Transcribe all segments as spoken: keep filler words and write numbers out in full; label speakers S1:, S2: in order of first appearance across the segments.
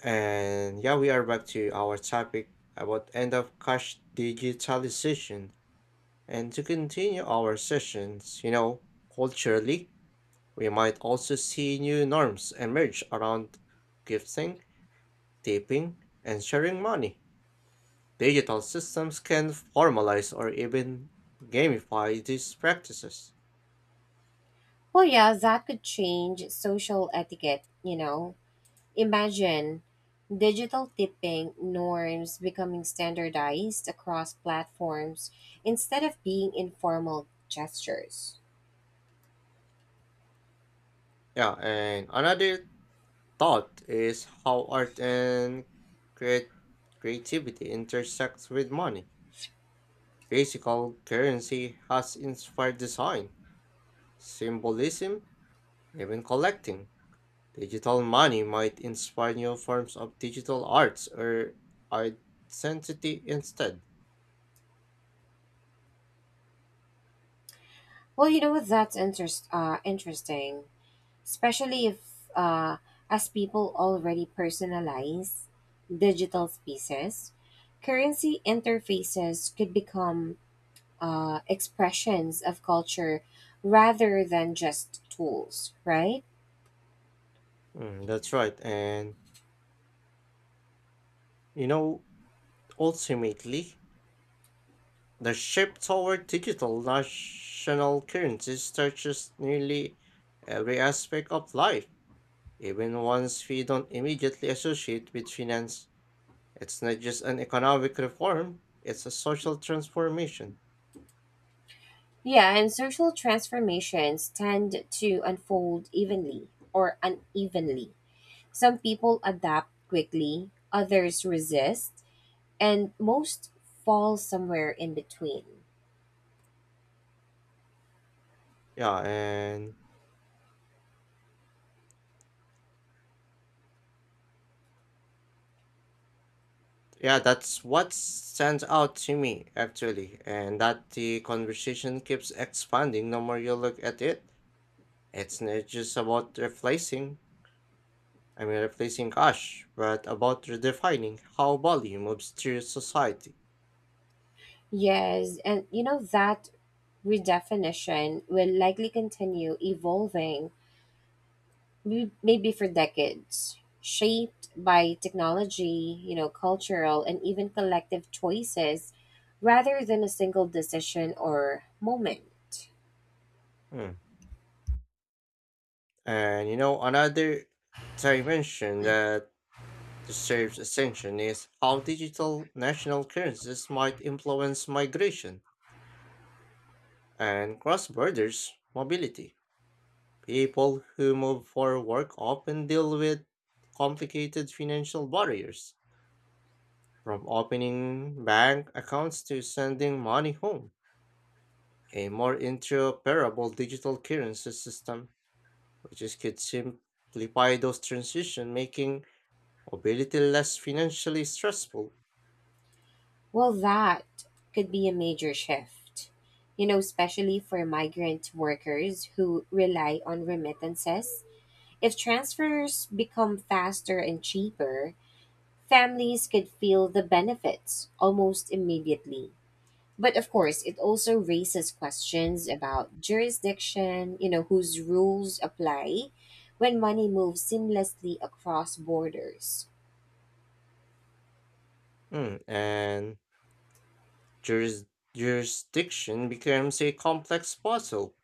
S1: And yeah, we are back to our topic about end of cash digitalization. And to continue our sessions, you know, culturally, we might also see new norms emerge around gifting, tipping, and sharing money. Digital systems can formalize or even gamify these practices.
S2: Well, yeah, that could change social etiquette, you know. Imagine digital tipping norms becoming standardized across platforms instead of being informal gestures.
S1: Yeah, and another thought is how art and create creativity intersects with money. Physical currency has inspired design, symbolism, and even collecting. Digital money might inspire new forms of digital arts or identity instead.
S2: Well, you know what? That's interest, uh, interesting, especially if, uh, as people already personalize digital spaces, currency interfaces could become uh, expressions of culture rather than just tools, right?
S1: Mm, that's right. And you know, ultimately, the shift toward digital national currencies touches nearly every aspect of life, even ones we don't immediately associate with finance. It's not just an economic reform, it's a social transformation.
S2: Yeah, and social transformations tend to unfold evenly or unevenly. Some people adapt quickly, others resist, and most fall somewhere in between.
S1: Yeah, and yeah, that's what stands out to me actually, and that the conversation keeps expanding the more you look at it. It's not just about replacing, I mean, replacing cash, but about redefining how value moves through society.
S2: Yes, and you know that redefinition will likely continue evolving m- maybe for decades, shaped by technology, you know, cultural and even collective choices rather than a single decision or moment.
S1: Hmm. And you know, another dimension that the shape's ascension is how digital national currencies might influence migration and cross border mobility. People who move for work often deal with complicated financial barriers, from opening bank accounts to sending money home. A more interoperable digital currency system, which is, could simplify those transitions, making mobility less financially stressful.
S2: Well, that could be a major shift, you know, especially for migrant workers who rely on remittances. If transfers become faster and cheaper, families could feel the benefits almost immediately. But of course, it also raises questions about jurisdiction, you know, whose rules apply when money moves seamlessly across borders.
S1: Mm, and Juris- jurisdiction becomes a complex puzzle.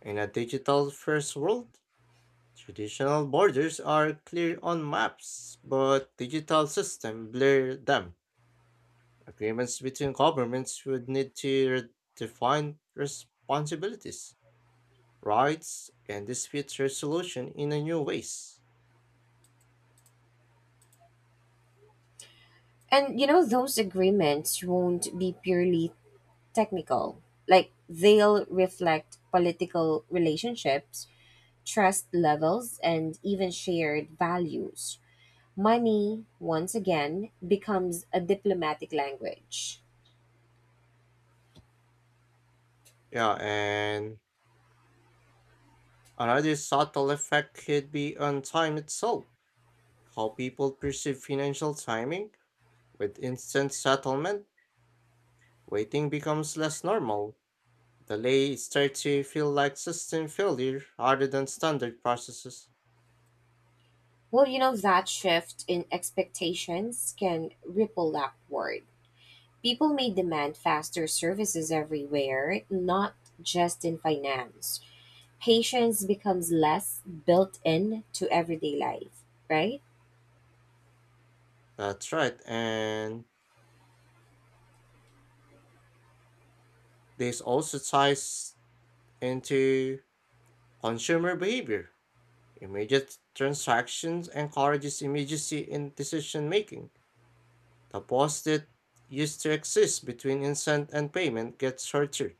S1: In a digital first world, traditional borders are clear on maps, but digital systems blur them. Agreements between governments would need to define responsibilities, rights, and dispute resolution in a new ways.
S2: And, you know, those agreements won't be purely technical. Like, they'll reflect political relationships, trust levels, and even shared values. Money, once again, becomes a diplomatic language.
S1: Yeah, and another subtle effect could be on time itself, how people perceive financial timing with instant settlement. Waiting becomes less normal. Delay starts to feel like system failure rather than standard processes.
S2: Well, you know, that shift in expectations can ripple upward. People may demand faster services everywhere, not just in finance. Patience becomes less built in to everyday life, right?
S1: That's right, and this also ties into consumer behavior. Immediate transactions encourages immediacy in decision making. The pause that used to exist between instant and payment gets shorter.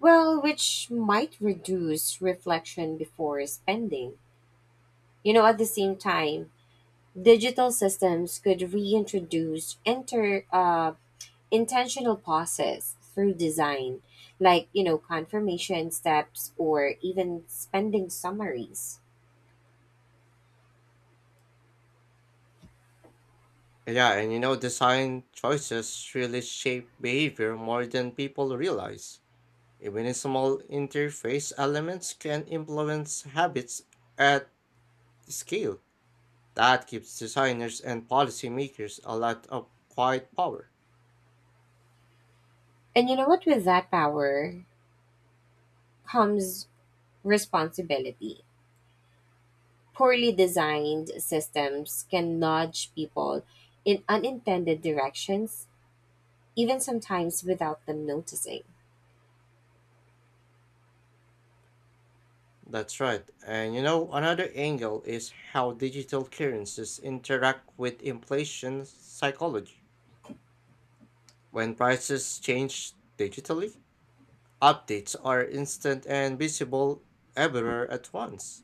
S2: Well, which might reduce reflection before spending. You know, at the same time, digital systems could reintroduce inter uh, intentional pauses through design, like, you know, confirmation steps or even spending summaries.
S1: Yeah, and you know, design choices really shape behavior more than people realize. Even small interface elements can influence habits at scale. That gives designers and policymakers a lot of quiet power.
S2: And you know what? With that power comes responsibility. Poorly designed systems can nudge people in unintended directions, even sometimes without them noticing.
S1: That's right. And you know, another angle is how digital currencies interact with inflation psychology. When prices change digitally, updates are instant and visible everywhere at once.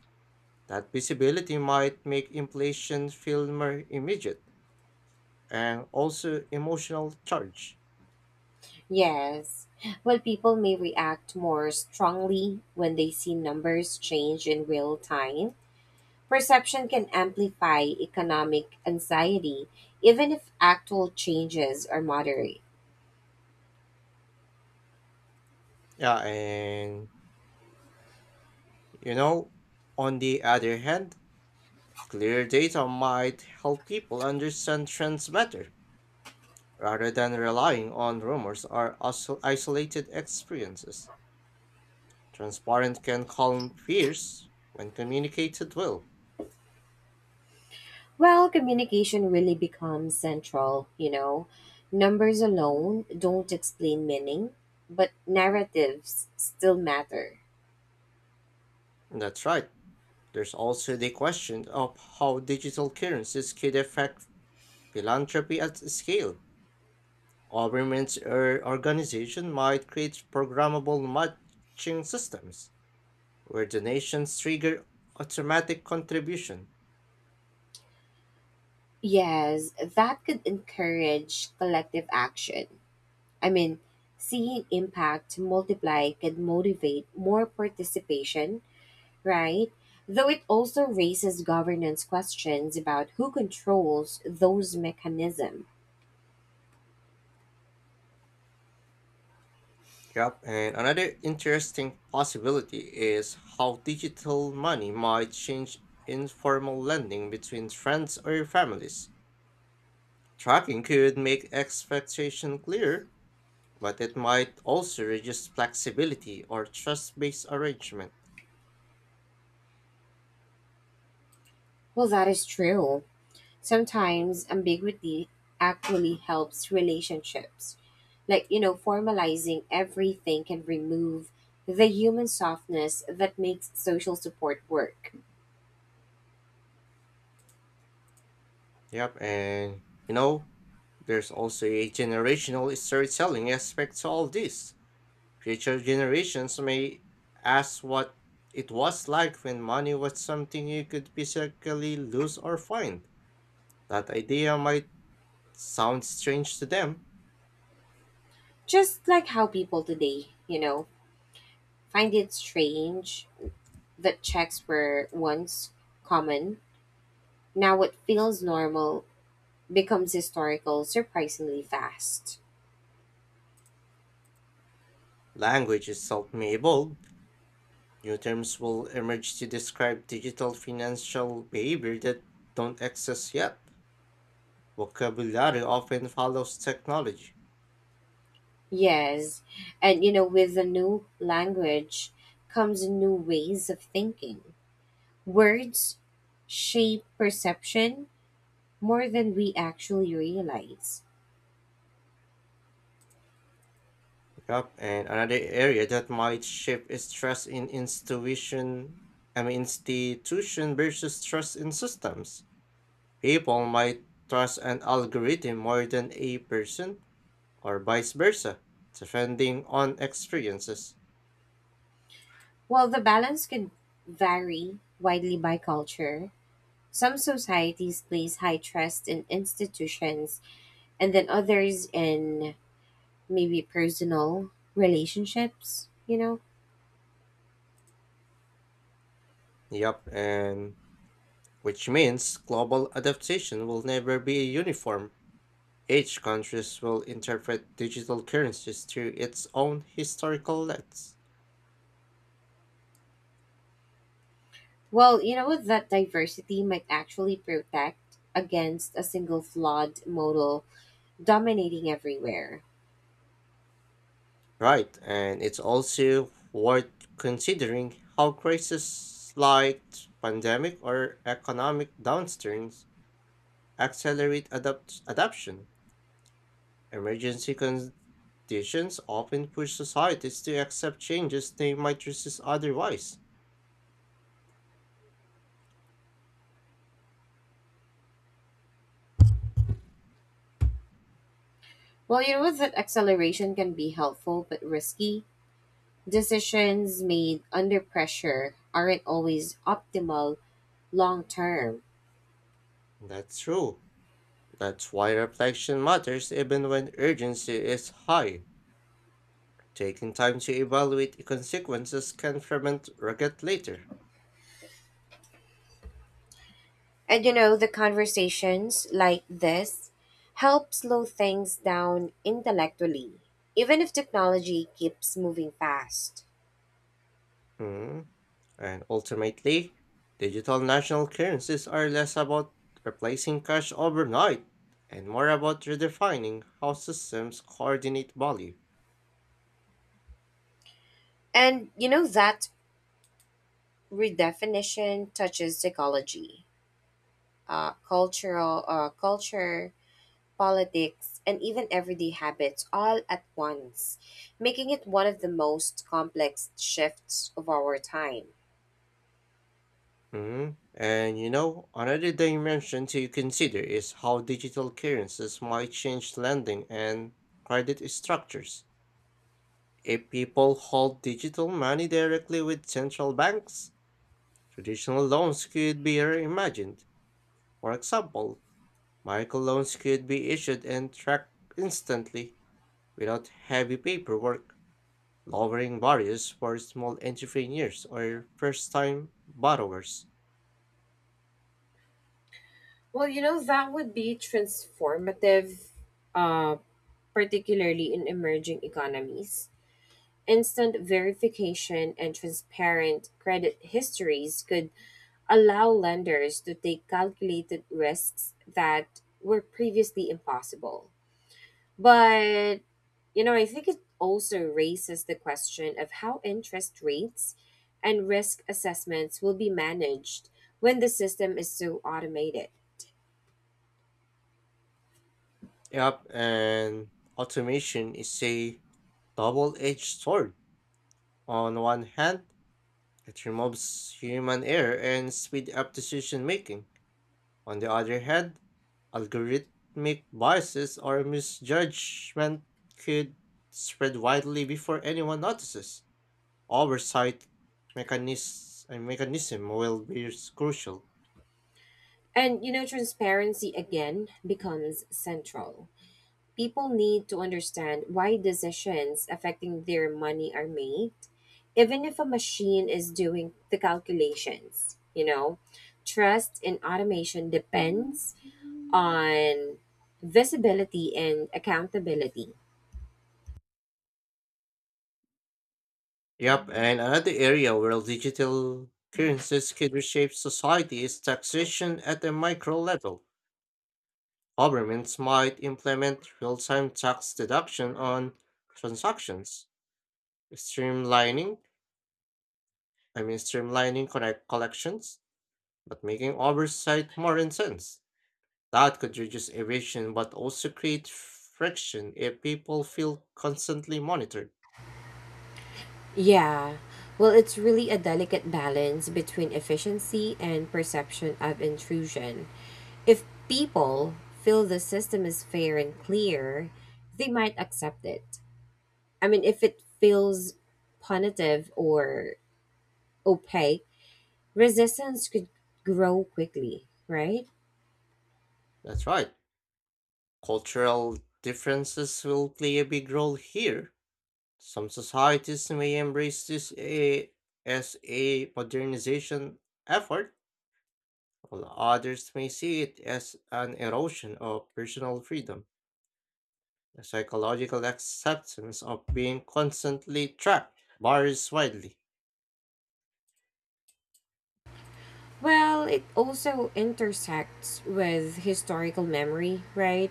S1: That visibility might make inflation feel more immediate and also emotional charge.
S2: Yes. Well, people may react more strongly when they see numbers change in real time. Perception can amplify economic anxiety, even if actual changes are moderate.
S1: Yeah, and you know, on the other hand, clear data might help people understand trends better rather than relying on rumors or iso- isolated experiences. Transparent can calm fears when communicated well.
S2: Well, communication really becomes central, you know. Numbers alone don't explain meaning, but narratives still matter.
S1: And that's right. There's also the question of how digital currencies could affect philanthropy at scale. Governments or organizations might create programmable matching systems where donations trigger automatic contribution.
S2: Yes, that could encourage collective action. I mean, seeing impact multiply could motivate more participation, right? Though it also raises governance questions about who controls those mechanisms.
S1: Yep, and another interesting possibility is how digital money might change informal lending between friends or families. Tracking could make expectation clear, but it might also reduce flexibility or trust-based arrangements.
S2: Well, that is true. Sometimes ambiguity actually helps relationships. Like, you know, formalizing everything can remove the human softness that makes social support work.
S1: Yep, and you know, there's also a generational storytelling aspect to all this. Future generations may ask what it was like when money was something you could physically lose or find. That idea might sound strange to them.
S2: Just like how people today, you know, find it strange that checks were once common. Now it feels normal becomes historical surprisingly fast.
S1: Language itself may evolve. New terms will emerge to describe digital financial behavior that don't exist yet. Vocabulary often follows technology.
S2: Yes, and you know, with a new language comes new ways of thinking. Words shape perception more than we actually realize.
S1: Yep, and another area that might shift is trust in institution, I mean institution versus trust in systems. People might trust an algorithm more than a person, or vice versa, depending on experiences.
S2: While the balance can vary widely by culture, some societies place high trust in institutions and then others in maybe personal relationships, you know?
S1: Yep, and which means global adaptation will never be uniform. Each country will interpret digital currencies through its own historical lens.
S2: Well, you know what? That diversity might actually protect against a single flawed model dominating everywhere.
S1: Right, and it's also worth considering how crises like pandemic or economic downturns accelerate adapt- adoption. Emergency conditions often push societies to accept changes they might resist otherwise.
S2: Well, you know what? That acceleration can be helpful but risky. Decisions made under pressure aren't always optimal long term.
S1: That's true. That's why reflection matters even when urgency is high. Taking time to evaluate consequences can prevent regret later.
S2: And you know, the conversations like this help slow things down intellectually, even if technology keeps moving fast.
S1: Hmm. And ultimately, digital national currencies are less about replacing cash overnight and more about redefining how systems coordinate value.
S2: And you know that redefinition touches ecology, uh, cultural, uh, culture, politics, and even everyday habits all at once, making it one of the most complex shifts of our time.
S1: Mhm. And you know, another dimension to consider is how digital currencies might change lending and credit structures. If people hold digital money directly with central banks, traditional loans could be reimagined. For example, microloans could be issued and tracked instantly without heavy paperwork, lowering barriers for small entrepreneurs or first-time borrowers.
S2: Well, you know, that would be transformative, uh, particularly in emerging economies. Instant verification and transparent credit histories could allow lenders to take calculated risks that were previously impossible. But, you know, I think it also raises the question of how interest rates and risk assessments will be managed when the system is so automated.
S1: Yep, and automation is a double-edged sword. On one hand, it removes human error and speeds up decision making. On the other hand, algorithmic biases or misjudgment could spread widely before anyone notices. Oversight mechanis- uh, mechanism will be s- crucial.
S2: And, you know, transparency again becomes central. People need to understand why decisions affecting their money are made, even if a machine is doing the calculations. You know, trust in automation depends on visibility and accountability.
S1: Yep, and another area where digital currencies could reshape society is taxation at the micro level. Governments might implement real time tax deduction on transactions, streamlining, I mean, streamlining connect collections, but making oversight more intense. That could reduce evasion but also create friction if people feel constantly monitored.
S2: Yeah. Well, it's really a delicate balance between efficiency and perception of intrusion. If people feel the system is fair and clear, they might accept it. I mean, if it feels punitive or opaque, resistance could grow quickly, right?
S1: That's right. Cultural differences will play a big role here. Some societies may embrace this a, as a modernization effort, while others may see it as an erosion of personal freedom. The psychological acceptance of being constantly trapped varies widely.
S2: Well, it also intersects with historical memory, right?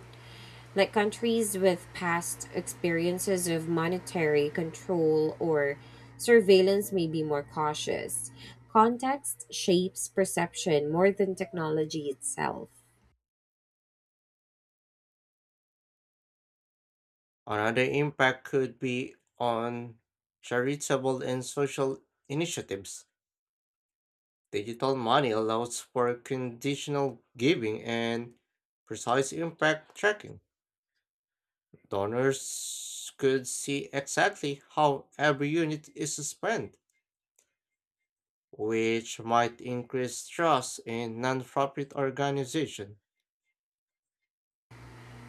S2: Like countries with past experiences of monetary control or surveillance may be more cautious. Context shapes perception more than technology itself.
S1: Another impact could be on charitable and social initiatives. Digital money allows for conditional giving and precise impact tracking. Donors could see exactly how every unit is spent, which might increase trust in nonprofit organization.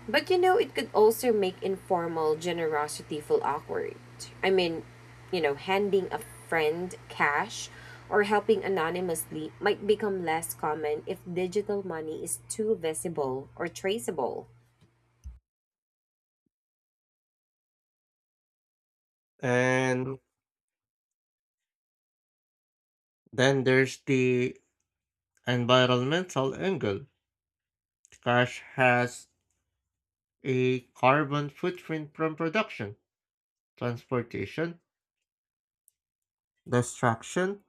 S2: But you know, it could also make informal generosity feel awkward. I mean, you know, handing a friend cash or helping anonymously might become less common if digital money is too visible or traceable.
S1: And then there's the environmental angle. Cash has a carbon footprint from production, transportation, destruction.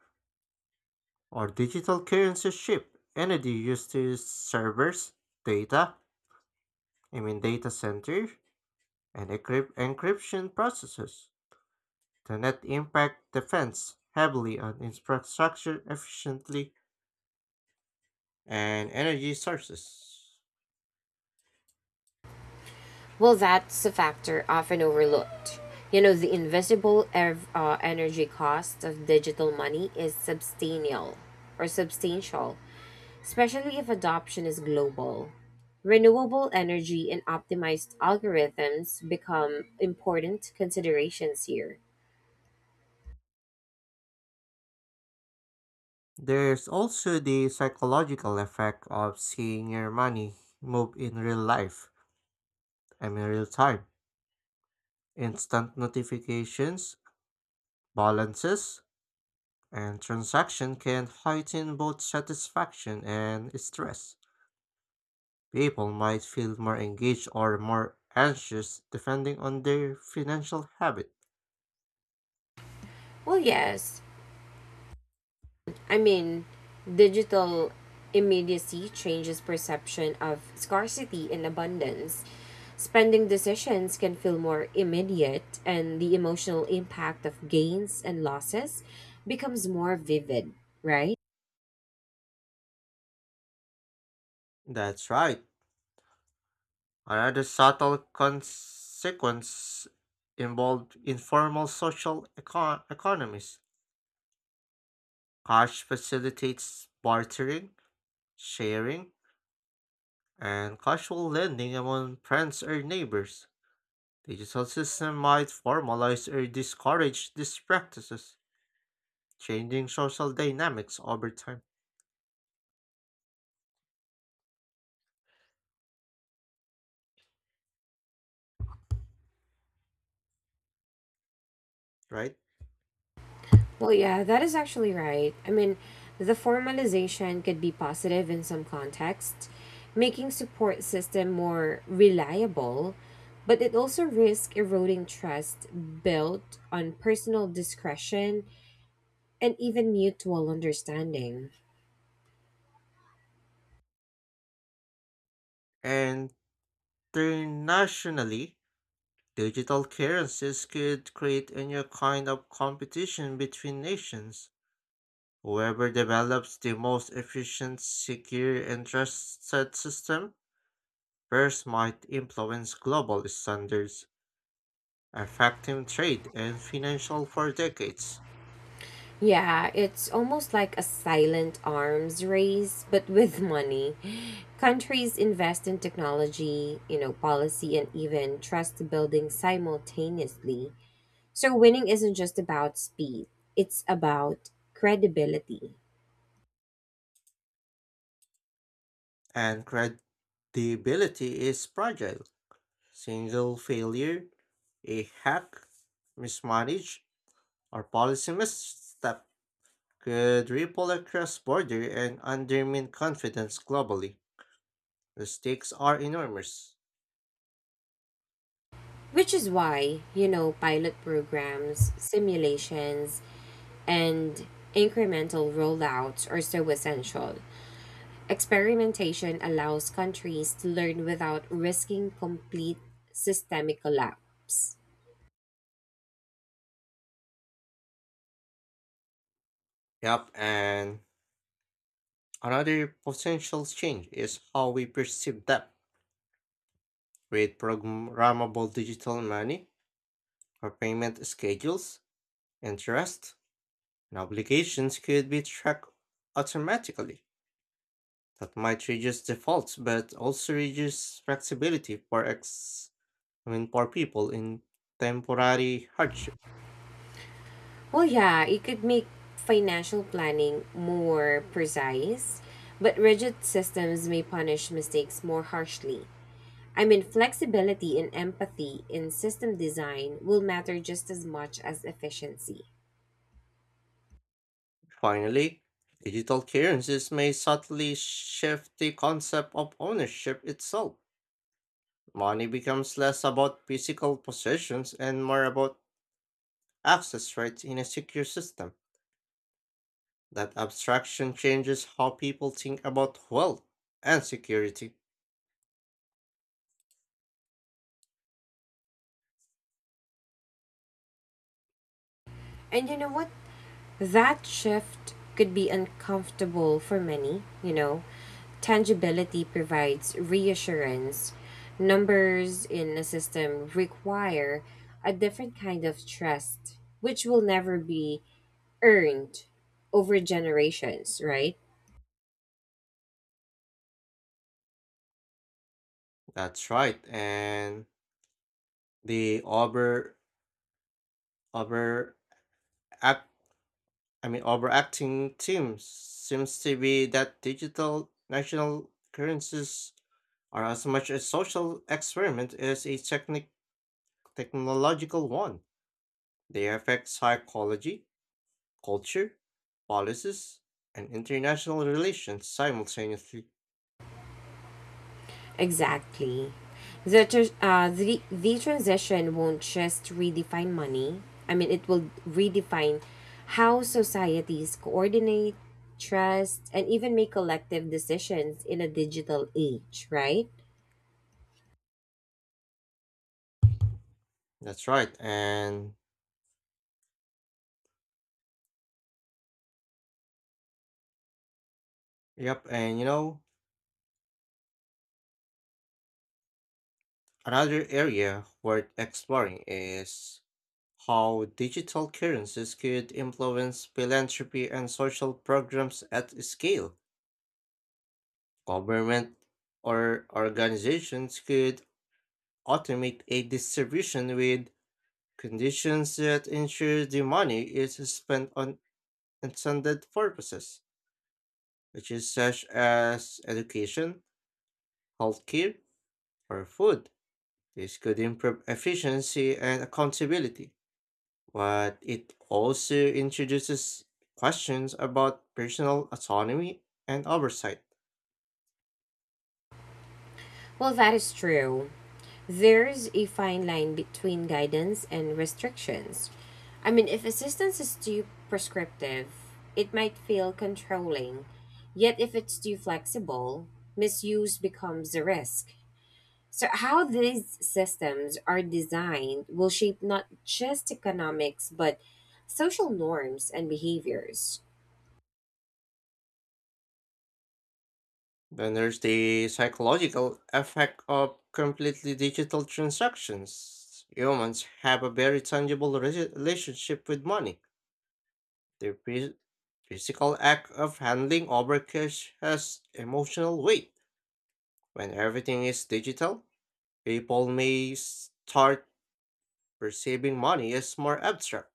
S1: Or digital currencies ship energy used to servers, data, I mean data center, and encryp- encryption processes. The net impact depends heavily on infrastructure efficiently and energy sources.
S2: Well, that's a factor often overlooked. You know, the invisible ev- uh, energy cost of digital money is substantial or substantial, especially if adoption is global. Renewable energy and optimized algorithms become important considerations here.
S1: There's also the psychological effect of seeing your money move in real life, I mean real time. Instant notifications, balances, and transaction can heighten both satisfaction and stress. People might feel more engaged or more anxious depending on their financial habit.
S2: Well, yes, I mean, digital immediacy changes perception of scarcity and abundance. Spending decisions can feel more immediate, and the emotional impact of gains and losses becomes more vivid, right?
S1: That's right. Another subtle consequence involved informal social econ- economies. Cash facilitates bartering, sharing, and casual lending among friends or neighbors. Digital system might formalize or discourage these practices, changing social dynamics over time, right?
S2: Well, yeah, that is actually right. I mean, the formalization could be positive in some contexts, making support system more reliable, but it also risks eroding trust built on personal discretion and even mutual understanding.
S1: And internationally, digital currencies could create a new kind of competition between nations. Whoever develops the most efficient, secure, and trusted system first might influence global standards, affecting trade and financial for decades.
S2: Yeah, it's almost like a silent arms race, but with money. Countries invest in technology, you know, policy, and even trust building simultaneously. So winning isn't just about speed, it's about credibility.
S1: And credibility is fragile. Single failure, a hack, mismanage, our policy misstep could ripple across border and undermine confidence globally. The stakes are enormous.
S2: Which is why, you know, pilot programs, simulations, and incremental rollouts are so essential. Experimentation allows countries to learn without risking complete systemic collapse.
S1: Yep, and another potential change is how we perceive debt. With programmable digital money, our payment schedules, interest, and obligations could be tracked automatically. That might reduce defaults, but also reduce flexibility for ex I mean, for people in temporary hardship.
S2: Well, yeah, it could make financial planning more precise, but rigid systems may punish mistakes more harshly. I mean, flexibility and empathy in system design will matter just as much as efficiency.
S1: Finally, digital currencies may subtly shift the concept of ownership itself. Money becomes less about physical possessions and more about access rights in a secure system. That abstraction changes how people think about wealth and security.
S2: And you know what? That shift could be uncomfortable for many, you know. Tangibility provides reassurance. Numbers in a system require a different kind of trust, which will never be earned over generations, right?
S1: That's right. And the over over I mean, overacting teams seems to be that digital national currencies are as much a social experiment as a technic- technological one. They affect psychology, culture, policies, and international relations simultaneously.
S2: Exactly. The, tr- uh, the, the transition won't just redefine money. I mean, it will redefine how societies coordinate, trust, and even make collective decisions in a digital age, right?
S1: That's right. And yep, and you know, another area worth exploring is how digital currencies could influence philanthropy and social programs at scale. Government or organizations could automate a distribution with conditions that ensure the money is spent on intended purposes, which is such as education, healthcare, or food. This could improve efficiency and accountability, but it also introduces questions about personal autonomy and oversight.
S2: Well, that is true. There's a fine line between guidance and restrictions. I mean, if assistance is too prescriptive, it might feel controlling. Yet, if it's too flexible, misuse becomes a risk. So, how these systems are designed will shape not just economics, but social norms and behaviors.
S1: Then there's the psychological effect of completely digital transactions. Humans have a very tangible re- relationship with money. The phys- physical act of handing over cash has emotional weight. When everything is digital, people may start perceiving money as more abstract,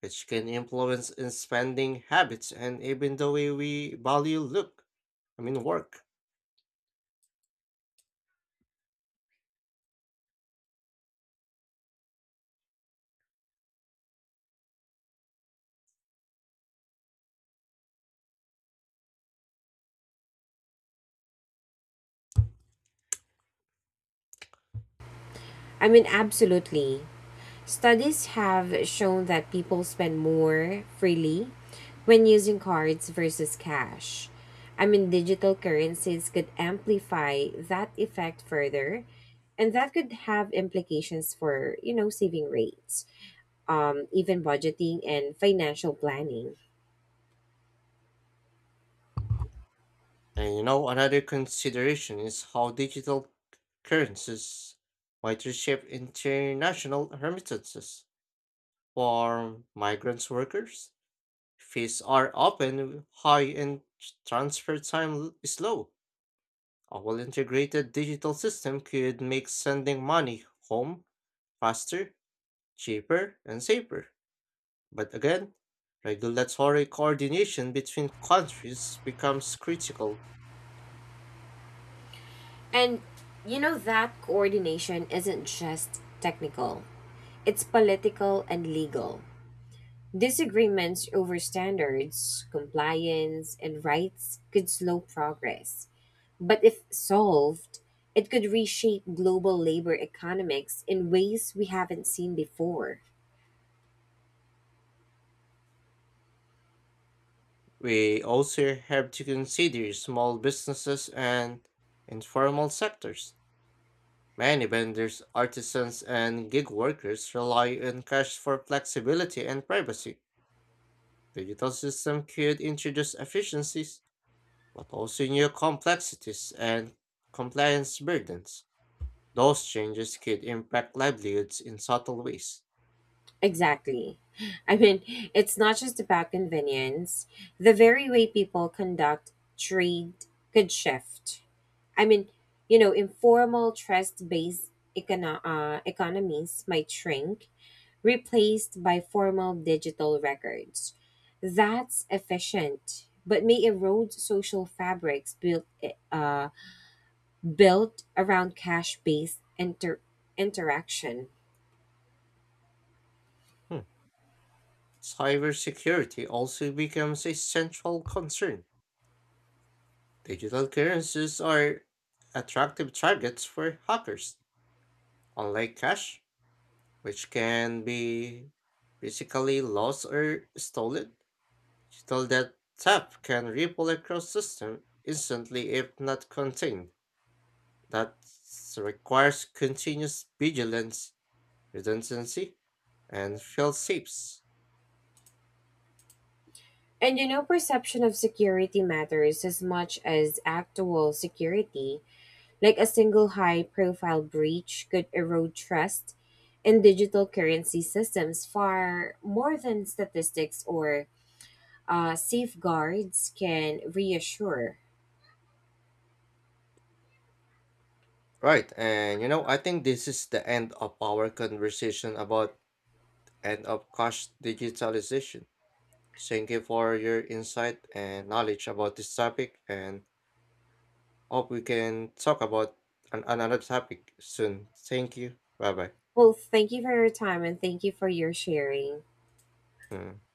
S1: which can influence in spending habits and even the way we value look, I mean work.
S2: I mean, absolutely. Studies have shown that people spend more freely when using cards versus cash. I mean, digital currencies could amplify that effect further, and that could have implications for, you know, saving rates, um, even budgeting and financial planning.
S1: And you know, another consideration is how digital currencies might reshape international remittances. For migrant workers, fees are often high and transfer time l- is low. A well integrated digital system could make sending money home faster, cheaper, and safer. But again, regulatory coordination between countries becomes critical.
S2: And, you know, that coordination isn't just technical, it's political and legal. Disagreements over standards, compliance, and rights could slow progress, but if solved, it could reshape global labor economics in ways we haven't seen before.
S1: We also have to consider small businesses and informal sectors. Many vendors, artisans, and gig workers rely on cash for flexibility and privacy. Digital system could introduce efficiencies, but also new complexities and compliance burdens. Those changes could impact livelihoods in subtle ways.
S2: Exactly. I mean, it's not just about convenience. The very way people conduct trade could shift. I mean, you know, informal trust based econo- uh, economies might shrink, replaced by formal digital records. That's efficient, but may erode social fabrics built uh, built around cash-based inter- interaction.
S1: Hmm. Cybersecurity also becomes a central concern. Digital currencies are attractive targets for hackers, unlike cash, which can be physically lost or stolen. Digital debt theft can ripple across systems instantly if not contained. That requires continuous vigilance, redundancy, and fail safes.
S2: And you know, perception of security matters as much as actual security. Like a single high profile breach could erode trust in digital currency systems far more than statistics or uh, safeguards can reassure.
S1: Right, and you know, I think this is the end of our conversation about end of cash digitalization. Thank you for your insight and knowledge about this topic, and hope we can talk about an- another topic soon. Thank you. Bye
S2: Well, thank you for your time and thank you for your sharing.
S1: bye.